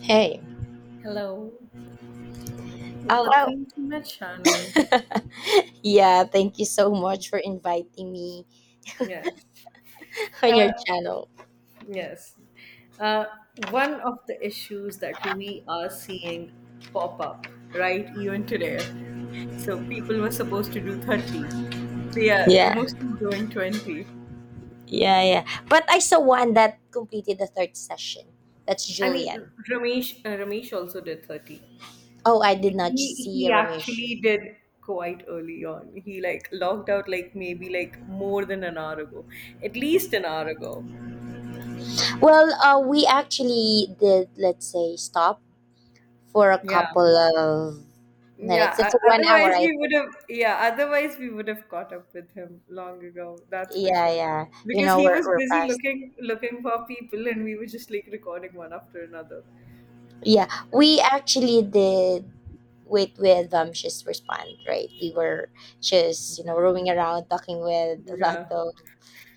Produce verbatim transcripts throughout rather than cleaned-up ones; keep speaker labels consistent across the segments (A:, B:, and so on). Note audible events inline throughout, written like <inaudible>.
A: Hey,
B: Hello,
A: oh
B: welcome
A: wow.
B: to my channel.
A: <laughs> Yeah, thank you so much for inviting me
B: Yes.
A: <laughs> on your
B: Uh,
A: channel.
B: yes. Uh, one of the issues that we are seeing pop up, right, even today. So people were supposed to do thirty. They are
A: Yeah,
B: mostly doing twenty.
A: yeah, yeah. But I saw one that completed the third session. That's
B: I mean,
A: Julian.
B: Ramesh, uh, Ramesh also did thirty.
A: Oh, I did not
B: He,
A: see
B: he
A: Ramesh.
B: actually did quite early on. He like logged out like maybe like more than an hour ago, at least an hour ago.
A: Well, uh, we actually did, let's say, stop for a
B: Yeah.
A: couple of minutes.
B: Yeah,
A: It's
B: o-
A: one hour,
B: otherwise
A: I
B: we
A: think.
B: would have yeah, otherwise we would have caught up with him long ago, that's for
A: Yeah,
B: sure.
A: yeah. You
B: Because
A: know,
B: he
A: we're,
B: was
A: we're
B: busy
A: fast.
B: looking looking for people and we were just like recording one after another.
A: Yeah, we actually did wait with um just respond, right? We were just, you know,
B: Yeah.
A: roaming around talking with a lot
B: Yeah.
A: of,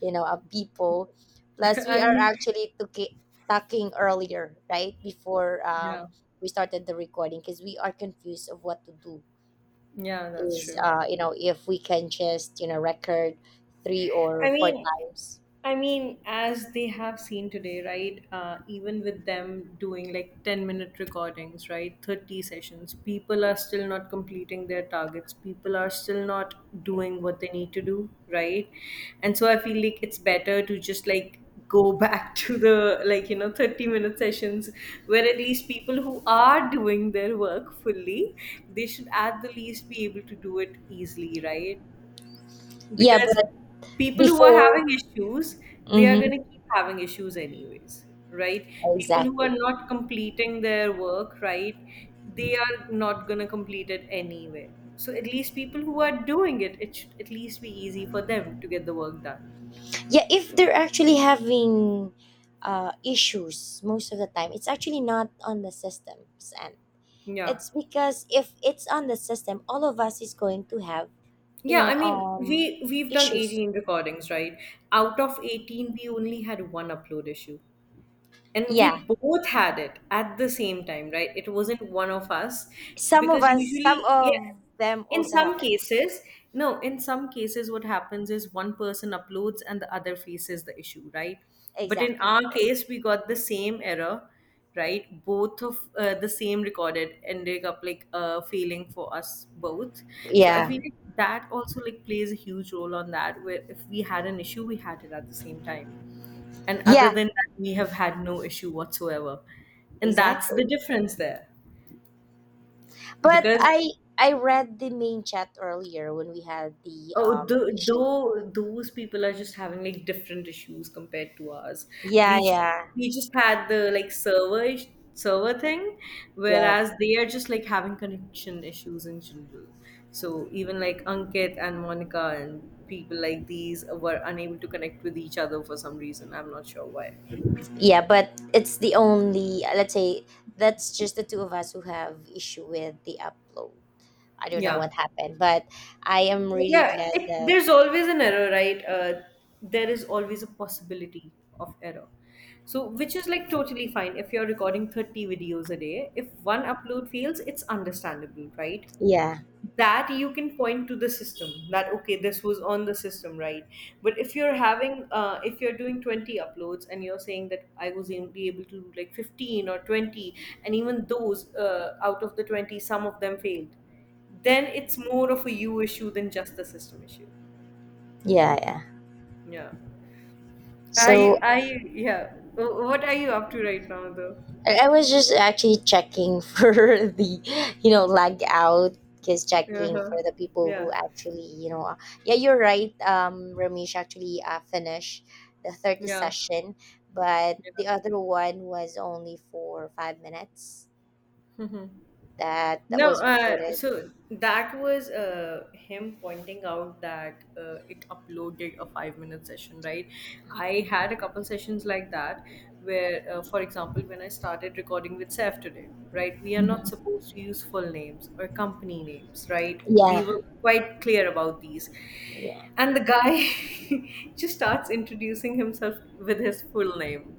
A: you know, uh, people. Plus
B: <laughs>
A: we
B: I
A: are
B: mean,
A: actually talki- talking earlier, right? Before
B: yeah.
A: um we started the recording because we are confused of what to do.
B: Yeah, that's
A: Is
B: true.
A: uh, you know, if we can just, you know, record three or
B: I
A: four
B: mean,
A: times.
B: I mean, as they have seen today, right? Uh, even with them doing like ten minute recordings, right? thirty sessions, people are still not completing their targets. People are still not doing what they need to do, right? And so I feel like it's better to just like go back <laughs> to the like, you know, thirty minute sessions where at least people who are doing their work fully, they should at the least be able to do it easily, right?
A: Yeah,
B: Because
A: but
B: people who are
A: before,
B: having issues, they are going
A: mm-hmm,
B: to keep having issues anyways, right? People who are
A: exactly.
B: not completing their work, right, they are not going to complete it anyway, so at least people who are doing it, it should at least be easy for them to get the work done.
A: Yeah, if they're actually having uh, issues, most of the time it's actually not on the system's end.
B: Yeah,
A: It's because if it's on the system all of us is going to have, you
B: yeah.
A: know
B: I mean, we
A: um
B: we've done
A: issues.
B: eighteen recordings, right? Out of eighteen, we only had one upload issue, and we
A: Yeah,
B: both had it at the same time, right? It wasn't one of us,
A: some of
B: because
A: us, some
B: usually, yeah,
A: of them
B: in
A: also have
B: some
A: it,
B: cases, no, in some cases, what happens is one person uploads and the other faces the issue, right? But in
A: exactly,
B: our
A: right.
B: case, we got the same error, right? Both of uh, the same recorded ending up like uh, failing for us both. So I
A: Yeah,
B: feel like that also like plays a huge role on that, where if we had an issue, we had it at the same time. And other
A: yeah,
B: than that, we have had no issue whatsoever. And that's the
A: exactly.
B: difference there.
A: But
B: Because
A: i i read the main chat earlier when we had the
B: oh,
A: um
B: th-
A: issue.
B: though those people are just having like different issues compared to ours.
A: Yeah,
B: We just
A: yeah,
B: we just had the like server ish- server thing,
A: yeah.
B: whereas they are just like having connection issues in general. So even like Ankit and Monica and people like these were unable to connect with each other for some reason. I'm not sure why.
A: Yeah, but it's the only, uh, let's say, that's just the two of us who have issue with the upload. I don't know
B: Yeah.
A: what happened, but I am really
B: Yeah,
A: glad
B: it,
A: that,
B: there's always an error, right? Uh, there is always a possibility of error. So, which is like totally fine. If you're recording thirty videos a day, if one upload fails, it's understandable, right?
A: yeah,
B: That you can point to the system that okay, this was on the system, right? But if you're having uh, if you're doing twenty uploads and you're saying that I was only able to do like fifteen or twenty, and even those uh, out of the twenty, some of them failed, then it's more of a you issue than just the system issue.
A: yeah, yeah.
B: Yeah. i
A: So
B: i yeah. Wh- what are you up to right now though?
A: I I was just actually checking <laughs> for the, you know, lag out, because checking
B: Uh-huh.
A: for the people
B: Yeah.
A: who actually, you know, uh, yeah, you're right. um Ramesh actually uh, finished the thirty
B: Yeah.
A: session, but
B: Yeah.
A: the other one was only for five minutes. That that
B: No,
A: was
B: uh,
A: recorded.
B: so that was uh, him pointing out that uh, it uploaded a five minute session, right? I had a couple sessions like that where, uh, for example, when I started recording with Seth today, right, we are not
A: Mm-hmm.
B: supposed to use full names or company names, right? We
A: Yeah,
B: were quite clear about these.
A: yeah,
B: And the guy <laughs> just starts introducing himself with his full name.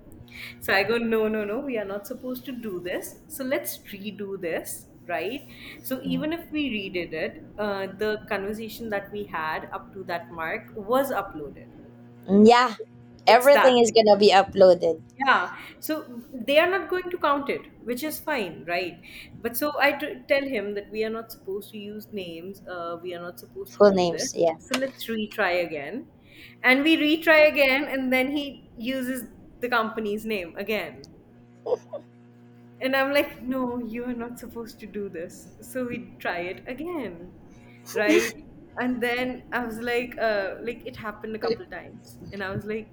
B: So I go, no, no, no, we are not supposed to do this. So let's redo this, right? So even
A: mm.
B: if we redid it, uh, the conversation that we had up to that mark was uploaded.
A: Mm, yeah.
B: It's that
A: Everything is
B: thing.
A: gonna be uploaded.
B: Yeah. So they are not going to count it, which is fine, right? But so I t- tell him that we are not supposed to use names. Uh, we are not supposed to
A: Full
B: do this.
A: names, yeah.
B: So let's retry again. And we retry again, and then he uses the company's name again. And I'm like, no, you are not supposed to do this. So we try it again, right? And then I was like, uh, like it happened a couple times, and I was like,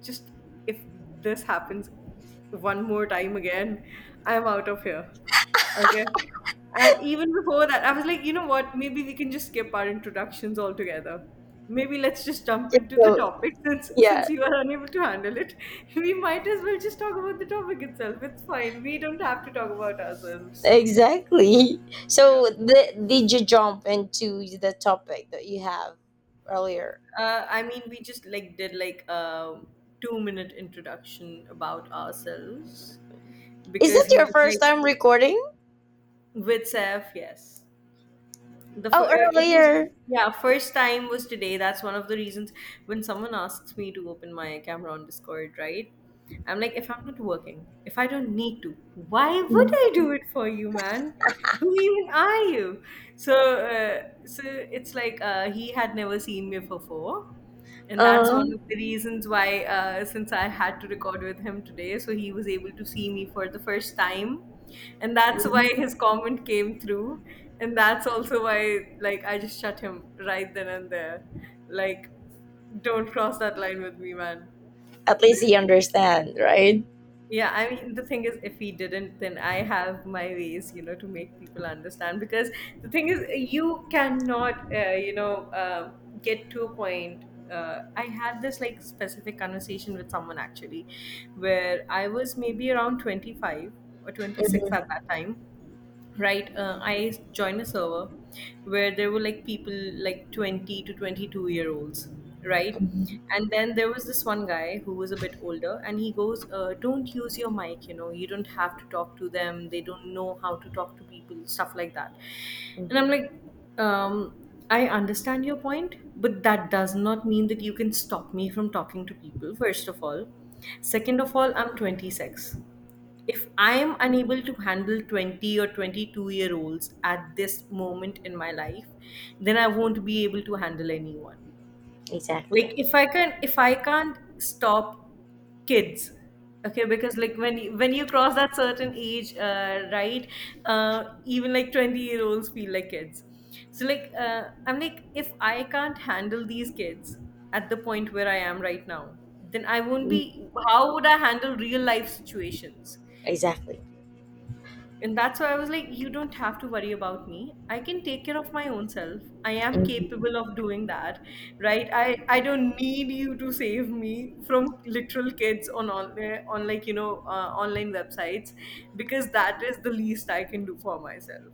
B: just, if this happens one more time again, I'm out of here. Okay. And even before that, I was like, you know what? Maybe we can just skip our introductions altogether. Maybe let's just jump into the
A: So
B: topic since since
A: yeah,
B: you are unable to handle it. <laughs> We might as well just talk about the topic itself. It's fine. We don't have to talk about ourselves.
A: exactly.
B: Yeah.
A: So th- did you jump into the topic that you have earlier?
B: Uh, I mean, we just like did like a two minute introduction about ourselves
A: Is
B: because
A: that
B: he
A: your
B: was
A: first
B: like
A: time recording?
B: with Saf, yes. the
A: Oh,
B: fir- uh, it was
A: earlier.
B: yeah first time was today. That's one of the reasons. When someone asks me to open my camera on Discord, right, I'm like, if I'm not working, if I don't need to, why
A: Uh
B: would I do it for you, man? Who even are you? So uh, so it's like, uh, he had never seen me before, and that's one
A: huh.
B: of the reasons why, uh, since I had to record with him today, so he was able to see me for the first time. And that's why his comment came through. And that's also why like I just shut him right then and there. Like, don't cross that line with me, man.
A: At least he understand, right?
B: Yeah, I mean, the thing is, if he didn't, then I have my ways, you know, to make people understand. Because the thing is, you cannot, uh, you know, uh, get to a point. Uh, I had this like specific conversation with someone actually, where I was maybe around twenty-five or twenty-six at that time, right? uh, I joined a server where there were like people like twenty to twenty-two year olds, right?
A: Mhm.
B: And then there was this one guy who was a bit older, and he goes, uh, don't use your mic, you know, you don't have to talk to them, they don't know how to talk to people, stuff like that. And I'm like,
A: Hmm.
B: um, I understand your point, but that does not mean that you can stop me from talking to people. First of all, second of all, I'm twenty-six. If I am unable to handle twenty or twenty-two year olds at this moment in my life, then I won't be able to handle anyone.
A: Exactly.
B: Like, if I can, if I can't stop kids. Okay. Because like, when you, when you cross that certain age, uh, right, uh, even like twenty year olds feel like kids. So like, uh, I'm like, if I can't handle these kids at the point where I am right now, then I won't be
A: Mm.
B: how would I handle real life situations?
A: Exactly.
B: And that's why I was like, you don't have to worry about me. I can take care of my own self. I am capable
A: Hmm.
B: of doing that, right? I, I don't need you to save me from literal kids on on, on like, you know uh, online websites, because that is the least I can do for myself.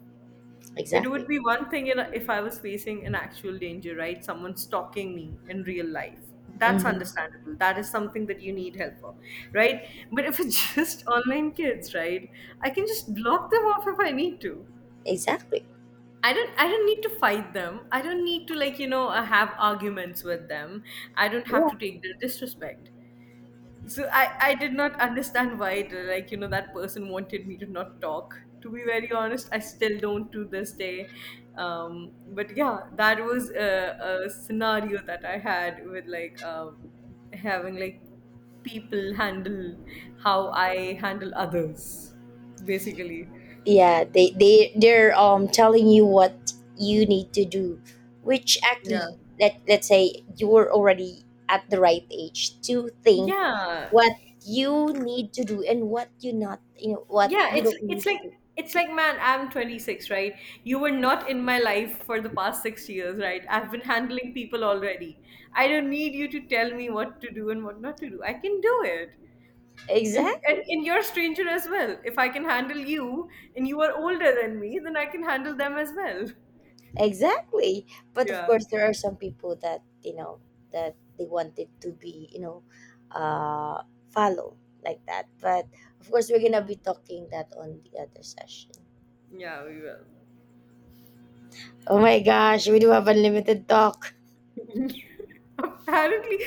B: It would
A: Exactly.
B: be one thing in a- if I was facing an actual danger, right? Someone stalking me in real life. That's
A: Hmm.
B: understandable. That is something that you need help for, right? But if it's <laughs> just online kids, right? I can just block them off if I need to.
A: Exactly.
B: I don't I don't need to fight them. I don't need to like, you know, uh, have arguments with them. I don't have
A: Yeah.
B: to take their disrespect. So I, I did not understand why, like, you know that person wanted me to not talk. To be very honest, I still don't to this day. um, but yeah, that was a, a scenario that I had with like, um having like people handle how I handle others, basically.
A: Yeah. They they they're um telling you what you need to do, which
B: Yeah.
A: actually, let let's say, you're already at the right age to think
B: Yeah.
A: what you need to do, and what you not, you know, what
B: Yeah,
A: you
B: it's
A: don't
B: it's
A: need to
B: like
A: do.
B: it's like man, I'm twenty-six, right? You were not in my life for the past six years, right? I've been handling people already. I don't need you to tell me what to do and what not to do. I can do it. And, and
A: Exactly.
B: and you're a stranger as well. If I can handle you and you are older than me, then I can handle them as well. <laughs>
A: Exactly. But of
B: Yeah.
A: course, there are some people that, you know, that they wanted to be, you know, uh, follow like that. But of course, we're going to be talking that on the other session.
B: Yeah, we will.
A: Oh my gosh, we do have unlimited talk.
B: <laughs> Apparently,